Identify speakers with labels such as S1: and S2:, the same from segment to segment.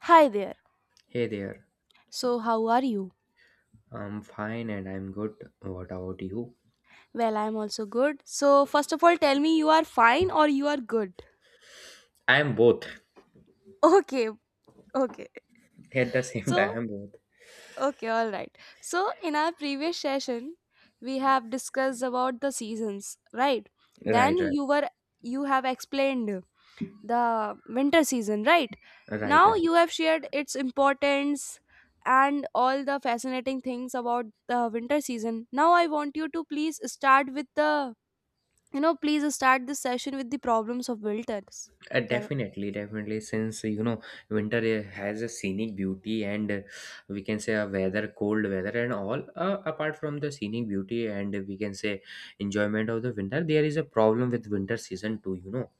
S1: Hi there.
S2: Hey there,
S1: So, how are you?
S2: I'm fine and I'm good. What about you?
S1: Well, I'm also good. So, first of all, tell me you are fine or you are good.
S2: I'm both
S1: Okay, okay.
S2: at the same
S1: So,
S2: time. I'm both.
S1: okay, all right. So, in our previous session, we have discussed about the seasons, right? Then
S2: Right, right,
S1: you were You have explained the winter season, right?
S2: right,
S1: Now
S2: right.
S1: you have shared its importance and all the fascinating things about the winter season. Now I want you to please start with please start this session with the problems of builders.
S2: Uh,
S1: Can
S2: definitely, definitely. Since you know, winter has a scenic beauty and we can say a weather, cold weather, and all. Apart from the scenic beauty and we can say enjoyment of the winter, there is a problem with winter season too. You know,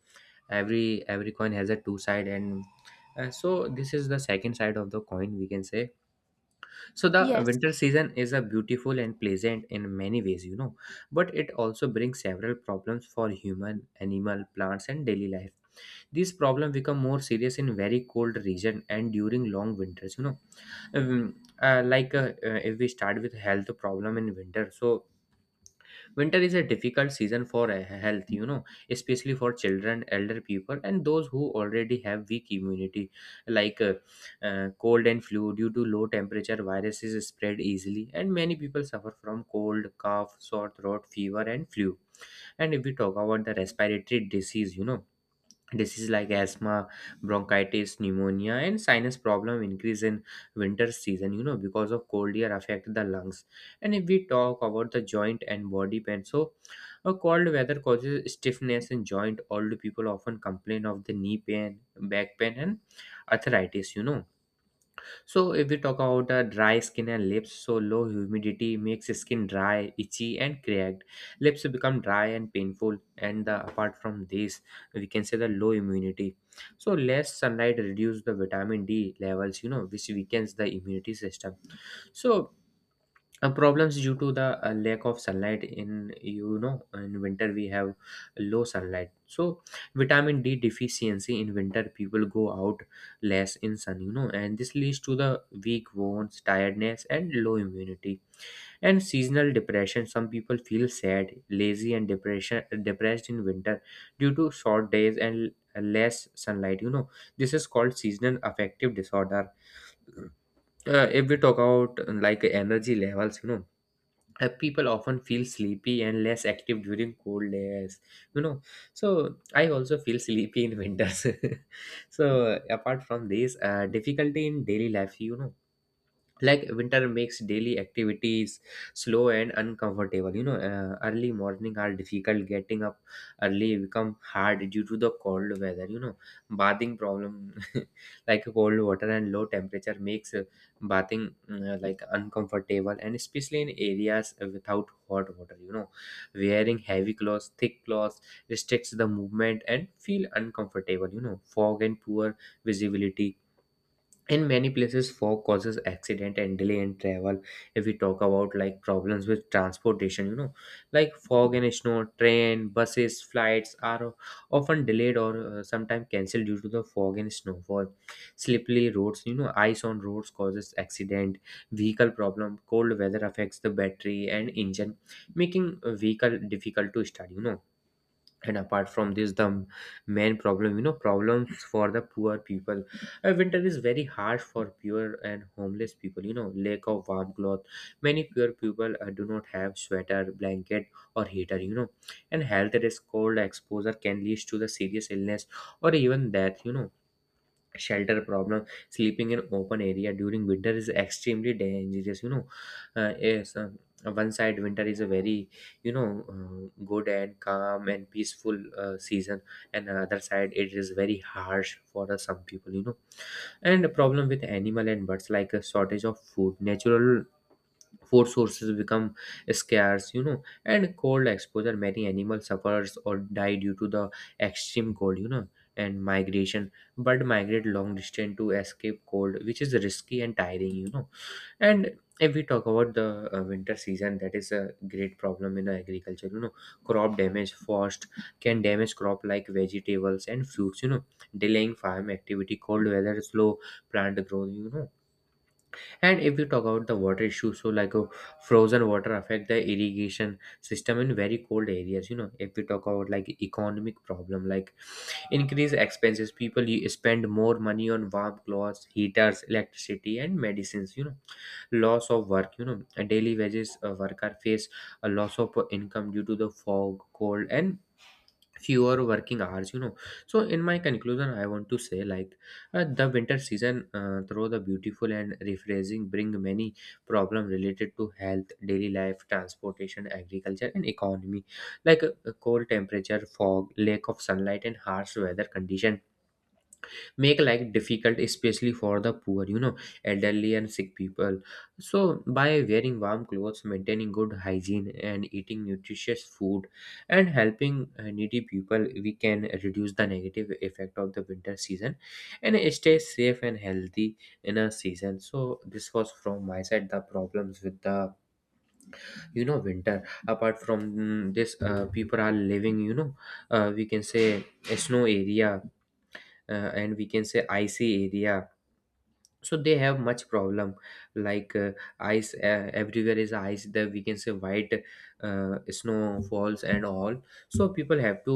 S2: every coin has a two side, and so this is the second side of the coin. We can say so the
S1: Yes,
S2: winter season is a beautiful and pleasant in many ways, you know, but it also brings several problems for human, animal, plants, and daily life. These problems become more serious in very cold region and during long winters, you know. If we start with health problem in winter, so winter is a difficult season for a health, you know, especially for children, elder people, and those who already have weak immunity, like cold and flu. Due to low temperature, viruses spread easily and many people suffer from cold, cough, sore throat, fever, and flu. And if we talk about the respiratory disease, you know, diseases like asthma, bronchitis, pneumonia, and sinus problem increase in winter season, you know, because of cold air affect the lungs. And if we talk about the joint and body pain, so a cold weather causes stiffness in joint. Old people often complain of the knee pain, back pain, and arthritis, you know. So if we talk about dry skin and lips, so low humidity makes skin dry, itchy, and cracked. Lips become dry and painful. And the, apart from this, we can say the low immunity. So less sunlight reduces the vitamin D levels, you know, which weakens the immunity system. So problems due to the lack of sunlight in, you know, in winter we have low sunlight, so vitamin D deficiency. In winter people go out less in sun, you know, and this leads to the weak bones, tiredness, and low immunity. And seasonal depression, some people feel sad, lazy, and depression, depressed in winter due to short days and less sunlight, you know. This is called seasonal affective disorder. If we talk about like energy levels, you know, people often feel sleepy and less active during cold days, you know. So I also feel sleepy in winters. So apart from this, difficulty in daily life, you know, like winter makes daily activities slow and uncomfortable, you know. Early morning are difficult. Getting up early become hard due to the cold weather, you know. Bathing problem, like cold water and low temperature makes bathing like uncomfortable, and especially in areas without hot water, you know. Wearing heavy clothes, thick clothes restricts the movement and feel uncomfortable, you know. Fog and poor visibility, in many places fog causes accident and delay in travel. If we talk about like problems with transportation, you know, like fog and snow, train, buses, flights are often delayed or sometimes cancelled due to the fog and snowfall. Slippery roads, you know, ice on roads causes accident. Vehicle problem, cold weather affects the battery and engine, making a vehicle difficult to start, you know. And apart from this, the main problem, you know, problems for the poor people. Winter is very harsh for poor and homeless people, you know. Lack of warm cloth, many poor people do not have sweater, blanket, or heater, you know. And health risk, cold exposure can lead to the serious illness or even death, you know. Shelter problem, sleeping in open area during winter is extremely dangerous, you know. Yes, one side winter is a very, you know, good and calm and peaceful season, and the other side it is very harsh for some people, you know. And the problem with animal and birds, like a shortage of food, natural food sources become scarce, you know. And cold exposure, many animals suffers or die due to the extreme cold, you know. And migration, bird migrate long distance to escape cold, which is risky and tiring, you know. And if we talk about the winter season, that is a great problem in the agriculture, you know. Crop damage, frost can damage crop like vegetables and fruits, you know. Delaying farm activity, cold weather slow plant growth, you know. And if we talk about the water issue, so like frozen water affect the irrigation system in very cold areas. You know, if we talk about like economic problem, like increase expenses, people you spend more money on warm clothes, heaters, electricity, and medicines. You know, loss of work. You know, daily wages worker face a loss of income due to the fog, cold, and fewer working hours, you know. So in my conclusion I want to say, like, the winter season, though the beautiful and refreshing, bring many problem related to health, daily life, transportation, agriculture, and economy. Like cold temperature, fog, lack of sunlight, and harsh weather condition make life difficult, especially for the poor, you know, elderly and sick people. So by wearing warm clothes, maintaining good hygiene, and eating nutritious food, and helping needy people, we can reduce the negative effect of the winter season and stay safe and healthy in a season. So this was from my side, the problems with the, you know, winter. Apart from this, people are living, you know, we can say a snow area, and we can say icy area, so they have much problem, like ice, everywhere is ice. The, we can say, white snow falls and all. So people have to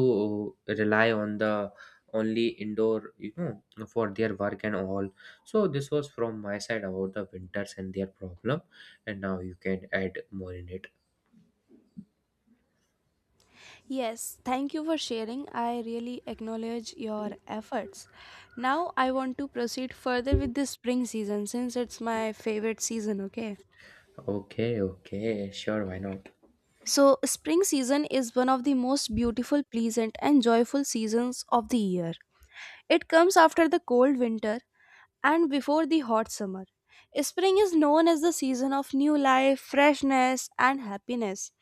S2: rely on the only indoor, you know, for their work and all. So this was from my side about the winters and their problem, and now you can add more in it.
S1: yes. Thank you for sharing. I really acknowledge your efforts. Now I want to proceed further with the spring season since it's my favorite season, okay?
S2: Okay, okay, sure, why not.
S1: So, spring season is one of the most beautiful, pleasant, and joyful seasons of the year. It comes after the cold winter and before the hot summer. Spring is known as the season of new life, freshness, and happiness.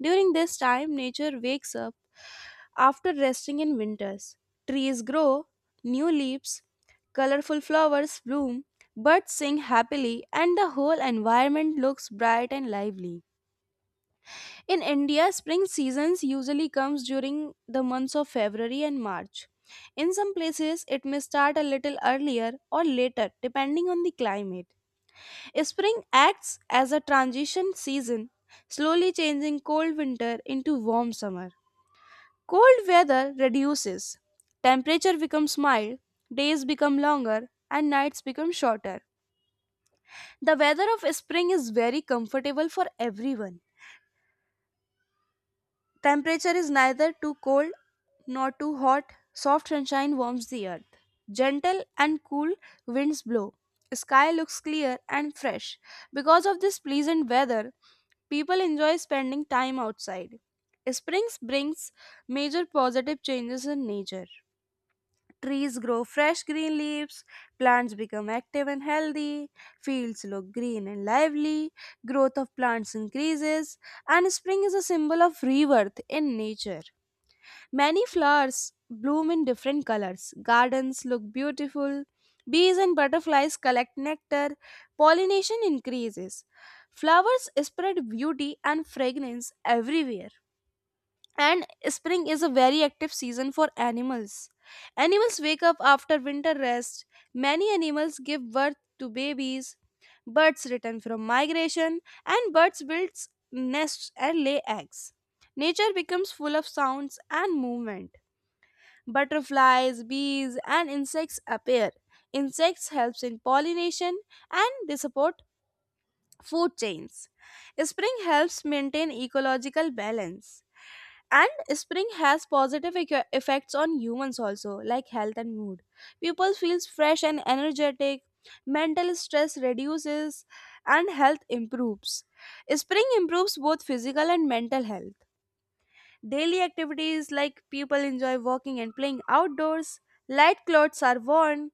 S1: During this time, nature wakes up after resting in winters. Trees grow, new leaves, colorful flowers bloom, birds sing happily, and the whole environment looks bright and lively. In India, spring seasons usually comes during the months of February and March. In some places, it may start a little earlier or later depending on the climate. Spring acts as a transition season, slowly changing cold winter into warm summer. Cold weather reduces, temperature becomes mild, days become longer, and nights become shorter. The weather of spring is very comfortable for everyone. Temperature is neither too cold nor too hot. Soft sunshine warms the earth. Gentle and cool winds blow. Sky looks clear and fresh. Because of this pleasant weather, people enjoy spending time outside. Spring brings major positive changes in nature. Trees grow fresh green leaves, plants become active and healthy, fields look green and lively, growth of plants increases, and spring is a symbol of rebirth in nature. Many flowers bloom in different colors, gardens look beautiful, bees and butterflies collect nectar, pollination increases. Flowers spread beauty and fragrance everywhere and spring is a very active season for animals. Animals wake up after winter rest. Many animals give birth to babies. Birds return from migration, and birds build nests and lay eggs. Nature becomes full of sounds and movement. Butterflies, bees, and insects appear. Insects helps in pollination and they support food chains. Spring helps maintain ecological balance and spring has positive effects on humans also, like health and mood. People feels fresh and energetic, mental stress reduces, and health improves. Spring improves both physical and mental health. Daily activities, like people enjoy walking and playing outdoors, light clothes are worn,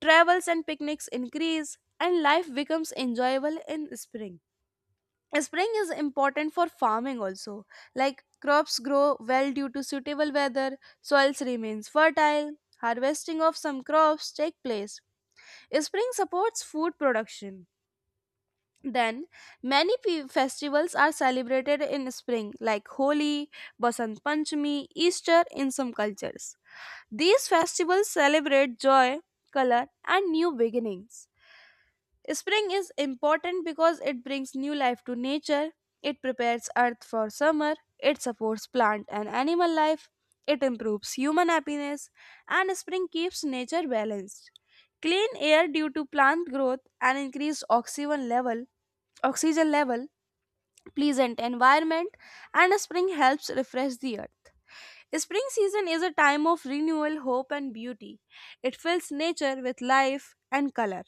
S1: travels and picnics increase, and life becomes enjoyable in spring. Spring is important for farming also, like crops grow well due to suitable weather, soils remains fertile, harvesting of some crops take place. Spring supports food production. Then many festivals are celebrated in spring, like Holi, Basant Panchami, Easter in some cultures. These festivals celebrate joy, color, and new beginnings. Spring is important because it brings new life to nature, it prepares earth for summer, it supports plant and animal life, it improves human happiness, and spring keeps nature balanced. Clean air due to plant growth and oxygen level, pleasant environment, and spring helps refresh the earth. Spring season is a time of renewal, hope, and beauty. It fills nature with life and color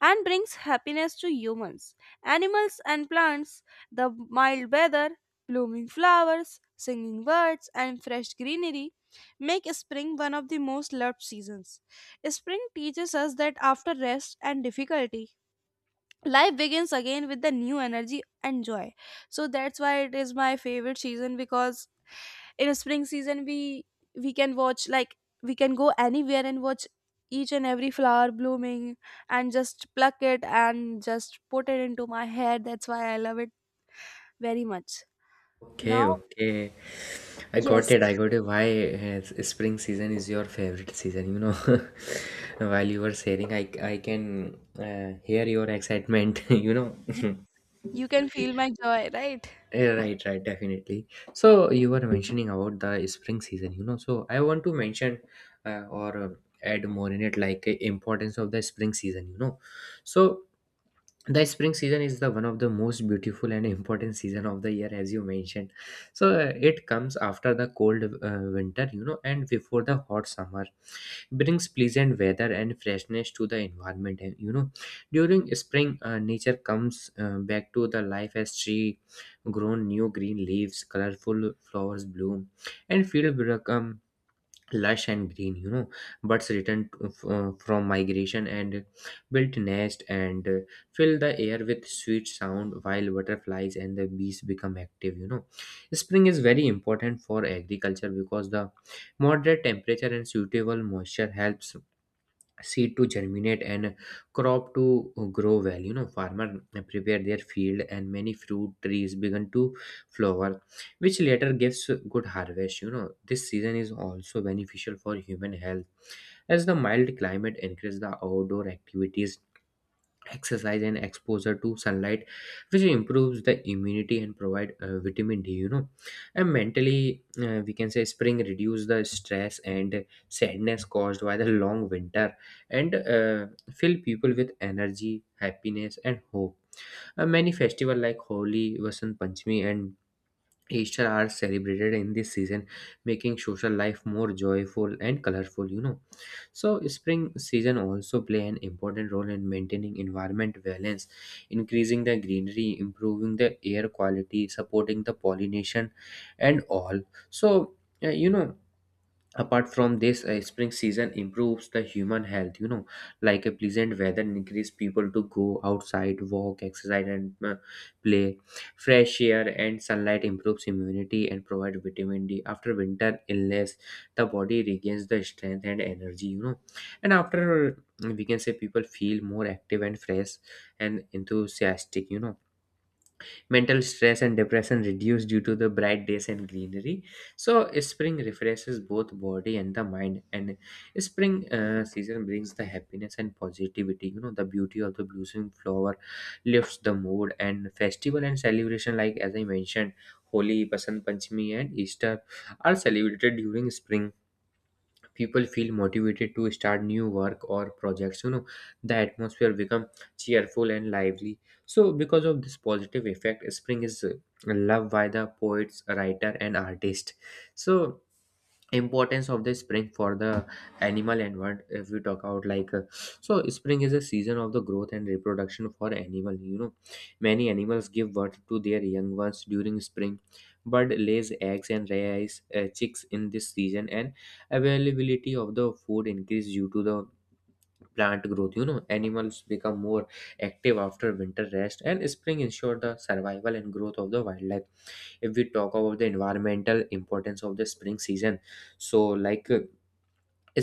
S1: and brings happiness to humans, animals, and plants. The mild weather, blooming flowers, singing birds, and fresh greenery make spring one of the most loved seasons. Spring teaches us that after rest and difficulty, life begins again with the new energy and joy. So that's why it is my favorite season, because in spring season we can watch, like we can go anywhere and watch each and every flower blooming and just pluck it and just put it into my hair. That's why I love it very much. Now
S2: Okay, okay, I got
S1: Yes,
S2: it, I got it. Why spring season is your favorite season, you know. While you were sharing, I can hear your excitement. You know.
S1: you you can feel my joy, right?
S2: Yeah, right, right, definitely. So you were mentioning about the spring season, you know, so I want to mention or add more in it, like importance of the spring season, you know. So the spring season is the one of the most beautiful and important season of the year, as you mentioned. So it comes after the cold winter, you know, and before the hot summer. Brings pleasant weather and freshness to the environment, and you know, during spring, nature comes back to the life, as tree grown new green leaves, colorful flowers bloom, and field become lush and green, you know. Birds return from migration, and build nest, and fill the air with sweet sound, while butterflies and the bees become active, you know. Spring is very important for agriculture because the moderate temperature and suitable moisture helps seed to germinate and crop to grow well, you know. Farmer prepare their field, and many fruit trees begin to flower, which later gives good harvest, you know. This season is also beneficial for human health, as the mild climate encourages the outdoor activities, exercise, and exposure to sunlight, which improves the immunity and provide vitamin D, you know. And mentally, we can say spring reduce the stress and sadness caused by the long winter, and fill people with energy, happiness, and hope. Many festival like Holi, Vasant Panchami, and Easter are celebrated in this season, making social life more joyful and colorful, you know. So spring season also play an important role in maintaining environment balance, increasing the greenery, improving the air quality, supporting the pollination and all. So you know, apart from this, spring season improves the human health, you know. Like a pleasant weather encourages people to go outside, walk, exercise, and play. Fresh air and sunlight improves immunity and provide vitamin D. After winter illness, the body regains the strength and energy, you know. And after, we can say, people feel more active and fresh and enthusiastic, you know. Mental stress and depression reduce due to the bright days and greenery. So spring refreshes both body and the mind, and spring season brings the happiness and positivity. You know the beauty of the blooming flower lifts the mood, and festival and celebration like, as I mentioned, Holi, Basant Panchami, and Easter are celebrated during spring. People feel motivated to start new work or projects, you know. The atmosphere become cheerful and lively. So because of this positive effect, spring is loved by the poets, writer and artist. So importance of the spring for the animal environment. If we talk about like So spring is a season of the growth and reproduction for animal, you know. Many animals give birth to their young ones during spring. Bird lays eggs and raise chicks in this season, and availability of the food increase due to the plant growth, you know. Animals become more active after winter rest, and spring ensure the survival and growth of the wildlife. If we talk about the environmental importance of the spring season, so like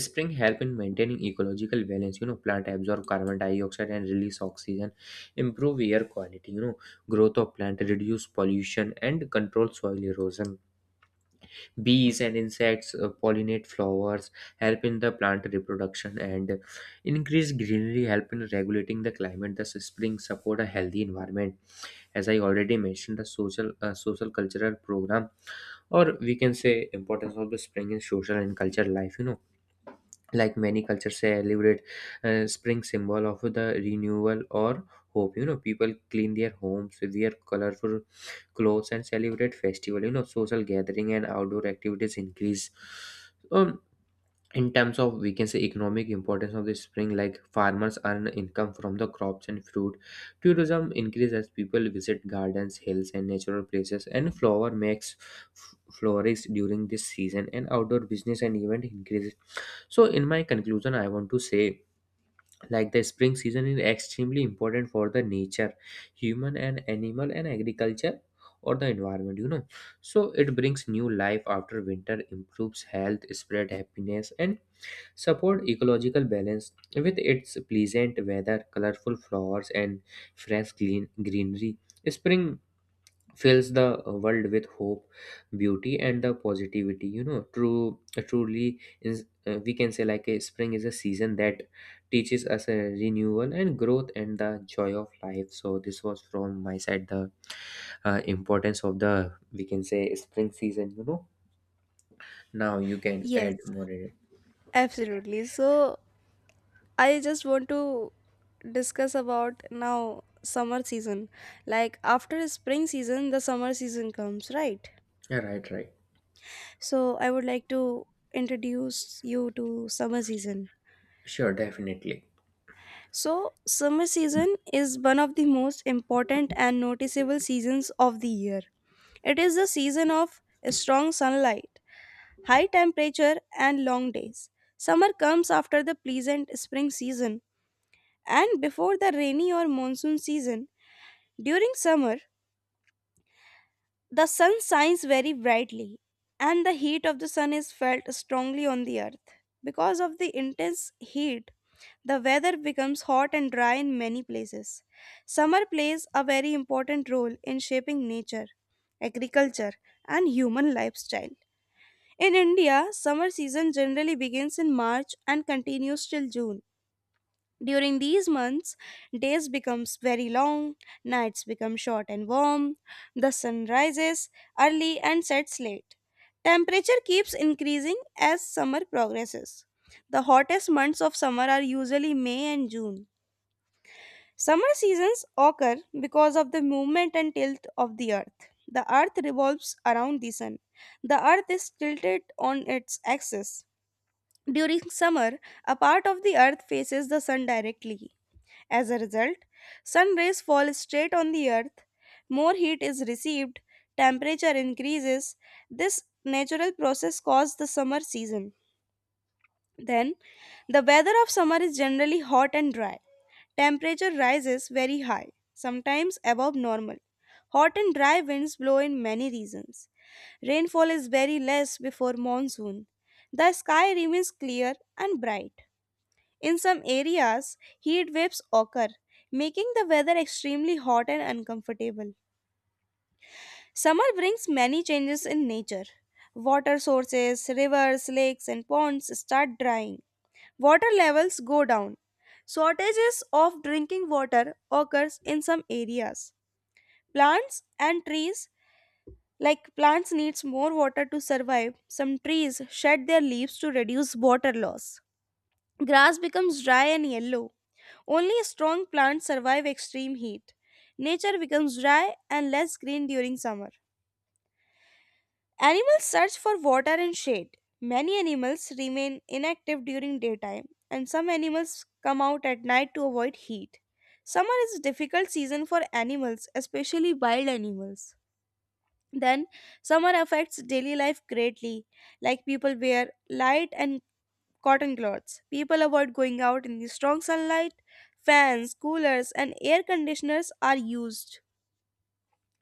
S2: spring help in maintaining ecological balance, you know. Plant absorb carbon dioxide and release oxygen, improve air quality, you know. Growth of plant reduce pollution and control soil erosion. Bees and insects pollinate flowers, help in the plant reproduction, and increased greenery help in regulating the climate. Thus spring support a healthy environment. As I already mentioned, the social social cultural program, or we can say importance of the spring in social and cultural life, you know, like many cultures celebrate spring symbol of the renewal or hope, you know. People clean their homes, wear colorful clothes and celebrate festival, you know. Social gathering and outdoor activities increase. um, in terms of, we can say, economic importance of the spring, like farmers earn income from the crops and fruit. Tourism increases as people visit gardens, hills and natural places, and flower makes flourish during this season, and outdoor business and event increases. So in my conclusion, I want to say like the spring season is extremely important for the nature, human and animal and agriculture, or the environment, you know. So it brings new life after winter, improves health, spread happiness and support ecological balance with its pleasant weather, colorful flowers, and fresh greenery. Spring fills the world with hope, beauty, and the positivity. You know, truly, is, we can say, like a spring is a season that teaches us a renewal and growth and the joy of life. So this was from my side the importance of the, we can say, spring season. You know, now you can
S1: Yes,
S2: add more in it.
S1: absolutely. So I just want to discuss about now summer season. Like after spring season, the summer season comes, right?
S2: Yeah, right, right,
S1: So I would like to introduce you to summer season.
S2: sure, definitely.
S1: So, summer season is one of the most important and noticeable seasons of the year. It is the season of strong sunlight, high temperature, and long days. Summer comes after the pleasant spring season and before the rainy or monsoon season. During summer, the sun shines very brightly and the heat of the sun is felt strongly on the earth. Because of the intense heat, the weather becomes hot and dry in many places. Summer plays a very important role in shaping nature, agriculture, and human lifestyle. In India, summer season generally begins in March and continues till June. During these months, days becomes very long, nights become short and warm, the sun rises early and sets late. Temperature keeps increasing as summer progresses. The hottest months of summer are usually May and June. Summer seasons occur because of the movement and tilt of the earth. The earth revolves around the sun. The earth is tilted on its axis. During summer, a part of the earth faces the sun directly. As a result, sun rays fall straight on the earth. More heat is received, temperature increases. This natural process caused the summer season. Then, the weather of summer is generally hot and dry. Temperature rises very high, sometimes above normal. Hot and dry winds blow in many regions. Rainfall is very less before monsoon. The sky remains clear and bright. In some areas, heat waves occur, making the weather extremely hot and uncomfortable. Summer brings many changes in nature. Water sources, rivers, lakes, and ponds start drying, water levels go down. Shortages of drinking water occurs in some areas. Plants and trees, like plants needs more water to survive. Some trees shed their leaves to reduce water loss. Grass becomes dry and yellow. Only strong plants survive extreme heat. Nature becomes dry and less green during summer. Animals search for water and shade. Many animals remain inactive during daytime, and some animals come out at night to avoid heat. Summer is a difficult season for animals, especially wild animals. Then, summer affects daily life greatly, like people wear light and cotton clothes. People avoid going out in the strong sunlight. Fans, coolers, and air conditioners are used.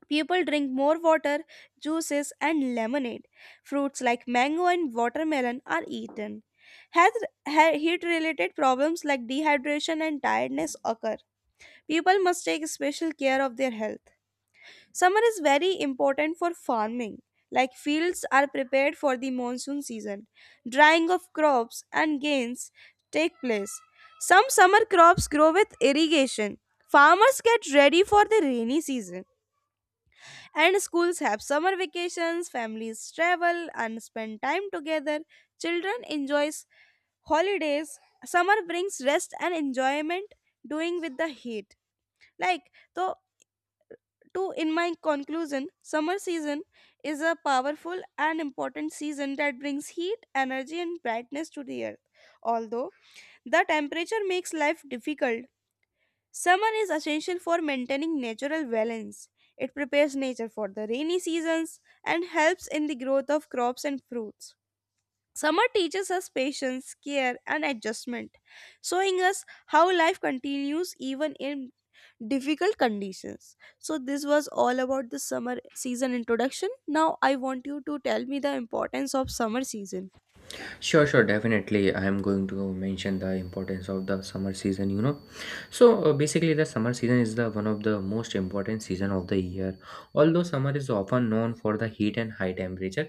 S1: People drink more water, juices, and lemonade. Fruits like mango and watermelon are eaten. Health- Heat related problems like dehydration and tiredness occur. People must take special care of their health. Summer is very important for farming, like fields are prepared for the monsoon season. Drying of crops and gains take place. Some summer crops grow with irrigation. Farmers get ready for the rainy season. And schools have summer vacations, families travel and spend time together, children enjoy holidays. Summer brings rest and enjoyment doing with the heat. Like so to In my conclusion, summer season is a powerful and important season that brings heat, energy and brightness to the earth. Although the temperature makes life difficult, summer is essential for maintaining natural balance. It prepares nature for the rainy seasons and helps in the growth of crops and fruits. Summer teaches us patience, care, and adjustment, showing us how life continues even in difficult conditions. So, this was all about the summer season introduction. Now, I want you to tell me the importance of summer season.
S2: Sure, sure, definitely. I am going to mention the importance of the summer season, you know. So basically the summer season is the one of the most important season of the year. Although summer is often known for the heat and high temperature,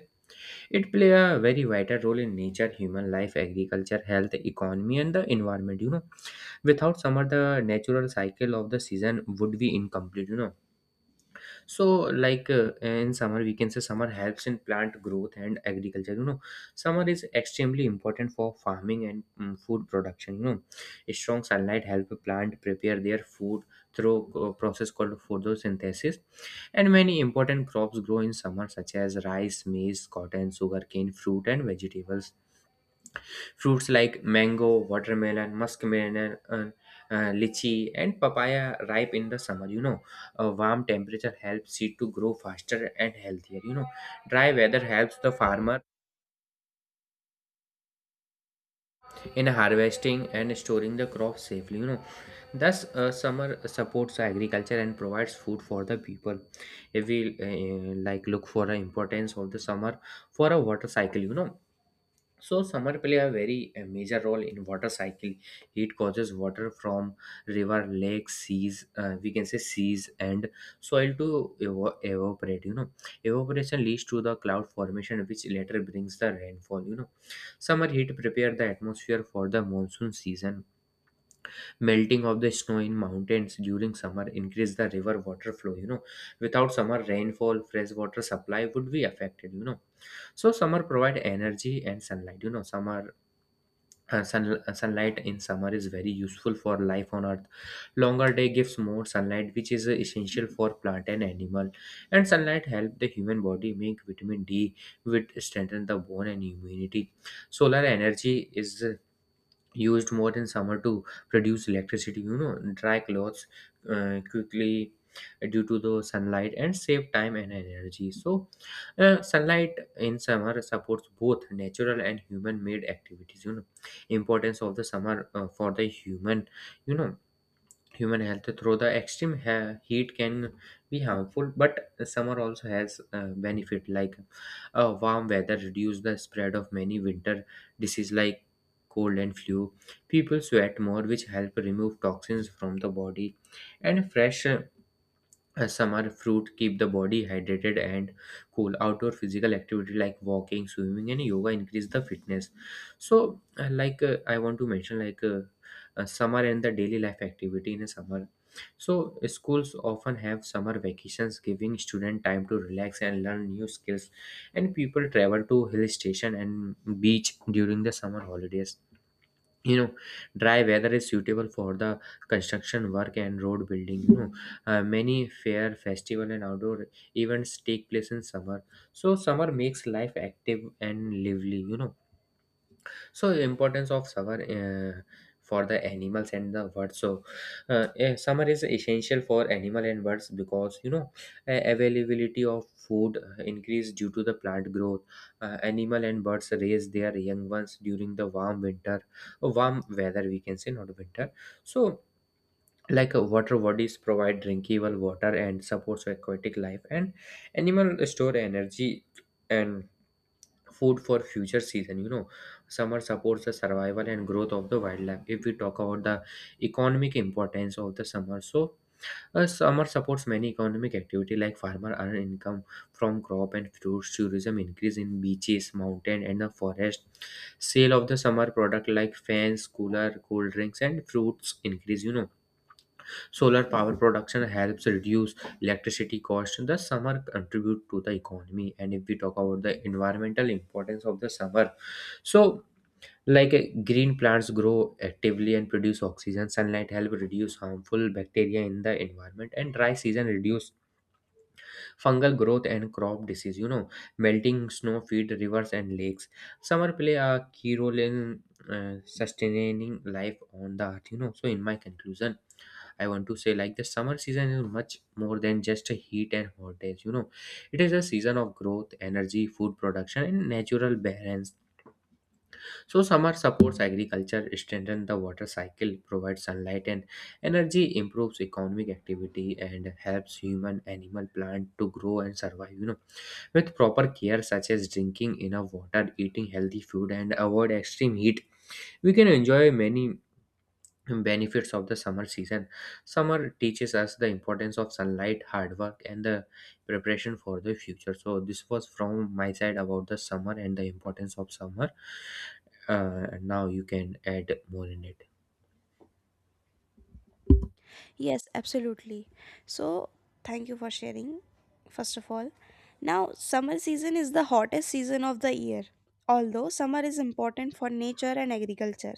S2: it play a very vital role in nature, human life, agriculture, health, economy and the environment, you know. Without summer the natural cycle of the season would be incomplete, you know. So like in summer, we can say summer helps in plant growth and agriculture, you know. Summer is extremely important for farming and food production, you know. A strong sunlight help plant prepare their food through a process called photosynthesis, and many important crops grow in summer such as rice, maize, cotton, sugarcane, fruit and vegetables. Fruits like mango, watermelon, muskmelon, lychee, and papaya ripe in the summer. You know, a warm temperature helps seed to grow faster and healthier. You know, dry weather helps the farmer in harvesting and storing the crop safely. You know, thus summer supports agriculture and provides food for the people. If we like look for the importance of the summer for a water cycle, you know. So summer play a very major role in water cycle. It causes water from river, lakes, seas. We can say seas and soil to evaporate. You know, evaporation leads to the cloud formation, which later brings the rainfall. You know, summer heat prepare the atmosphere for the monsoon season. Melting of the snow in mountains during summer increase the river water flow. You know, without summer rainfall, fresh water supply would be affected. You know, so summer provide energy and sunlight, you know. Summer sunlight in summer is very useful for life on earth. Longer day gives more sunlight, which is essential for plant and animal, and sunlight help the human body make vitamin D, which strengthen the bone and immunity. Solar energy is used more in summer to produce electricity, you know. Dry clothes quickly due to the sunlight and save time and energy. So sunlight in summer supports both natural and human made activities, you know. Importance of the summer for the human, you know. Human health through the extreme heat can be harmful, but summer also has benefit like warm weather reduce the spread of many winter disease like cold and flu. People sweat more, which help remove toxins from the body, and fresh as summer fruit keep the body hydrated and cool. Outdoor physical activity like walking, swimming, and yoga increase the fitness. So, like I want to mention, like summer and the daily life activity in a summer. So, schools often have summer vacations, giving student time to relax and learn new skills. And people travel to hill station and beach during the summer holidays, you know. Dry weather is suitable for the construction work and road building, you know. Many fair festival and outdoor events take place in summer. So summer makes life active and lively, you know. So importance of summer for the animals and the birds. So summer is essential for animal and birds because, you know, availability of food increase due to the plant growth. Animal and birds raise their young ones during the warm winter, warm weather, we can say, not winter. So like water bodies provide drinkable water and supports aquatic life, and animal store energy and food for future season, you know. Summer supports the survival and growth of the wildlife. If we talk about the economic importance of the summer, so summer supports many economic activity like farmer earn income from crop and fruits, tourism increase in beaches, mountain and the forest. Sale of the summer product like fans, cooler, cold drinks and fruits increase, you know. Solar power production helps reduce electricity costs in the summer, contribute to the economy. And if we talk about the environmental importance of the summer, so like green plants grow actively and produce oxygen, sunlight help reduce harmful bacteria in the environment, and dry season reduce fungal growth and crop disease. You know, melting snow feed rivers and lakes. Summer play a key role in sustaining life on the earth. You know, so in my conclusion I want to say like the summer season is much more than just a heat and hot days. You know, it is a season of growth, energy, food production, and natural balance. So summer supports agriculture, strengthens the water cycle, provides sunlight and energy, improves economic activity, and helps human, animal, plant to grow and survive. You know, with proper care such as drinking enough water, eating healthy food, and avoid extreme heat, we can enjoy many benefits of the summer season. Summer teaches us the importance of sunlight, hard work and the preparation for the future. So this was from my side about the summer and the importance of summer. Now you can add more in it.
S1: Yes, absolutely. So, thank you for sharing, first of all. Now, summer season is the hottest season of the year, although summer is important for nature and agriculture.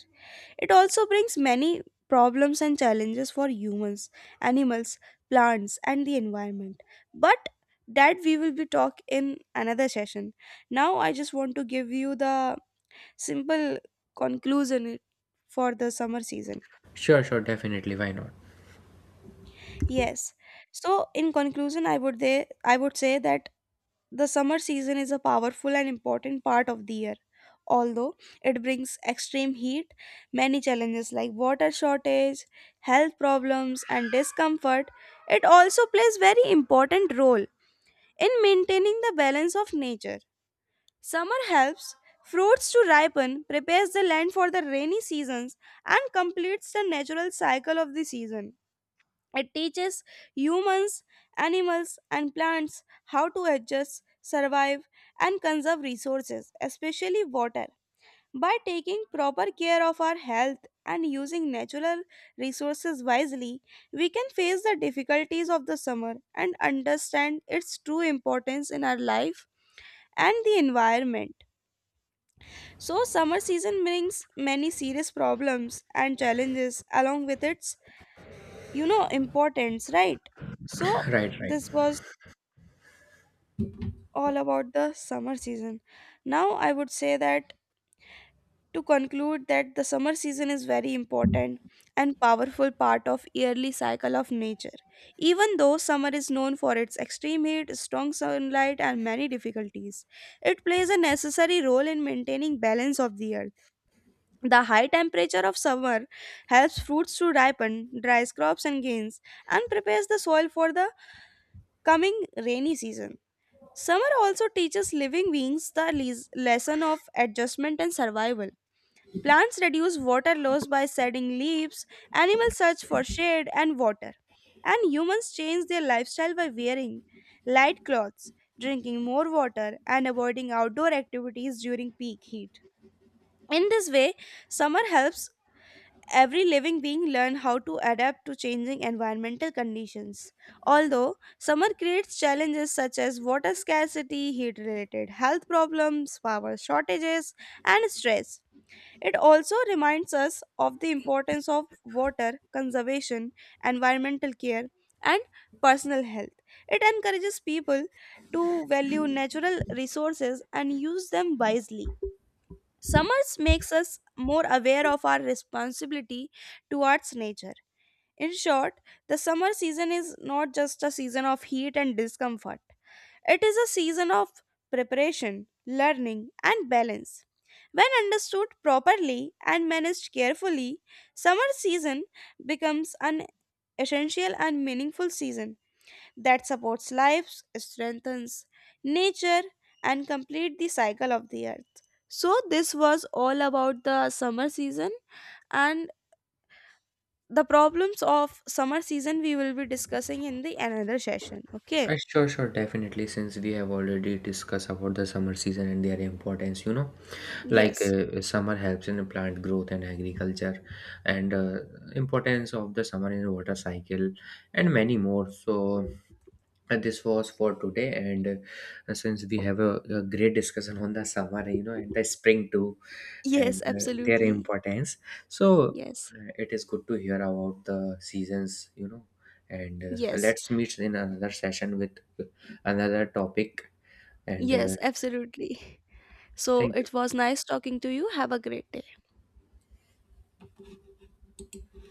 S1: It also brings many problems and challenges for humans, animals, plants, and the environment. But that we will be talk in another session. Now I just want to give you the simple conclusion for the summer season.
S2: Sure, sure, definitely, why not.
S1: Yes. So in conclusion, I would say that the summer season is a powerful and important part of the year. Although it brings extreme heat, many challenges like water shortage, health problems, and discomfort, it also plays very important role in maintaining the balance of nature. Summer helps fruits to ripen, prepares the land for the rainy seasons, and completes the natural cycle of the season. It teaches humans, animals, and plants how to adjust, survive, and conserve resources, especially water. By taking proper care of our health and using natural resources wisely, we can face the difficulties of the summer and understand its true importance in our life and the environment. So, summer season brings many serious problems and challenges along with its importance, right? So
S2: Right, right.
S1: this was all about the summer season. Now I would say that to conclude that the summer season is very important and powerful part of yearly cycle of nature. Even though summer is known for its extreme heat, strong sunlight and many difficulties, it plays a necessary role in maintaining balance of the earth. The high temperature of summer helps fruits to ripen, dries crops and gains, and prepares the soil for the coming rainy season. Summer also teaches living beings the lesson of adjustment and survival. Plants reduce water loss by shedding leaves, animals search for shade and water, and humans change their lifestyle by wearing light clothes, drinking more water, and avoiding outdoor activities during peak heat. In this way, summer helps every living being learn how to adapt to changing environmental conditions. Although summer creates challenges such as water scarcity, heat related health problems, power shortages, and stress, it also reminds us of the importance of water conservation, environmental care, and personal health. It encourages people to value natural resources and use them wisely. Summers makes us more aware of our responsibility towards nature. In short, the summer season is not just a season of heat and discomfort. It is a season of preparation, learning, and balance. When understood properly and managed carefully, summer season becomes an essential and meaningful season that supports life, strengthens nature, and complete the cycle of the earth. So this was all about the summer season and the problems of summer season we will be discussing in the another session. Okay.
S2: Sure, sure, definitely. Since we have already discussed about the summer season and their importance, you know, like
S1: Yes.
S2: summer helps in plant growth and agriculture, and importance of the summer in water cycle and many more. So this was for today, and since we have a great discussion on the summer, you know, and the spring too,
S1: Yes,
S2: and their
S1: absolutely.
S2: importance, so
S1: Yes.
S2: it is good to hear about the seasons, you know, and
S1: Yes.
S2: let's meet in another session with another topic, and
S1: Yes, absolutely. So
S2: thank
S1: it
S2: you.
S1: was nice talking to you. Have a great day.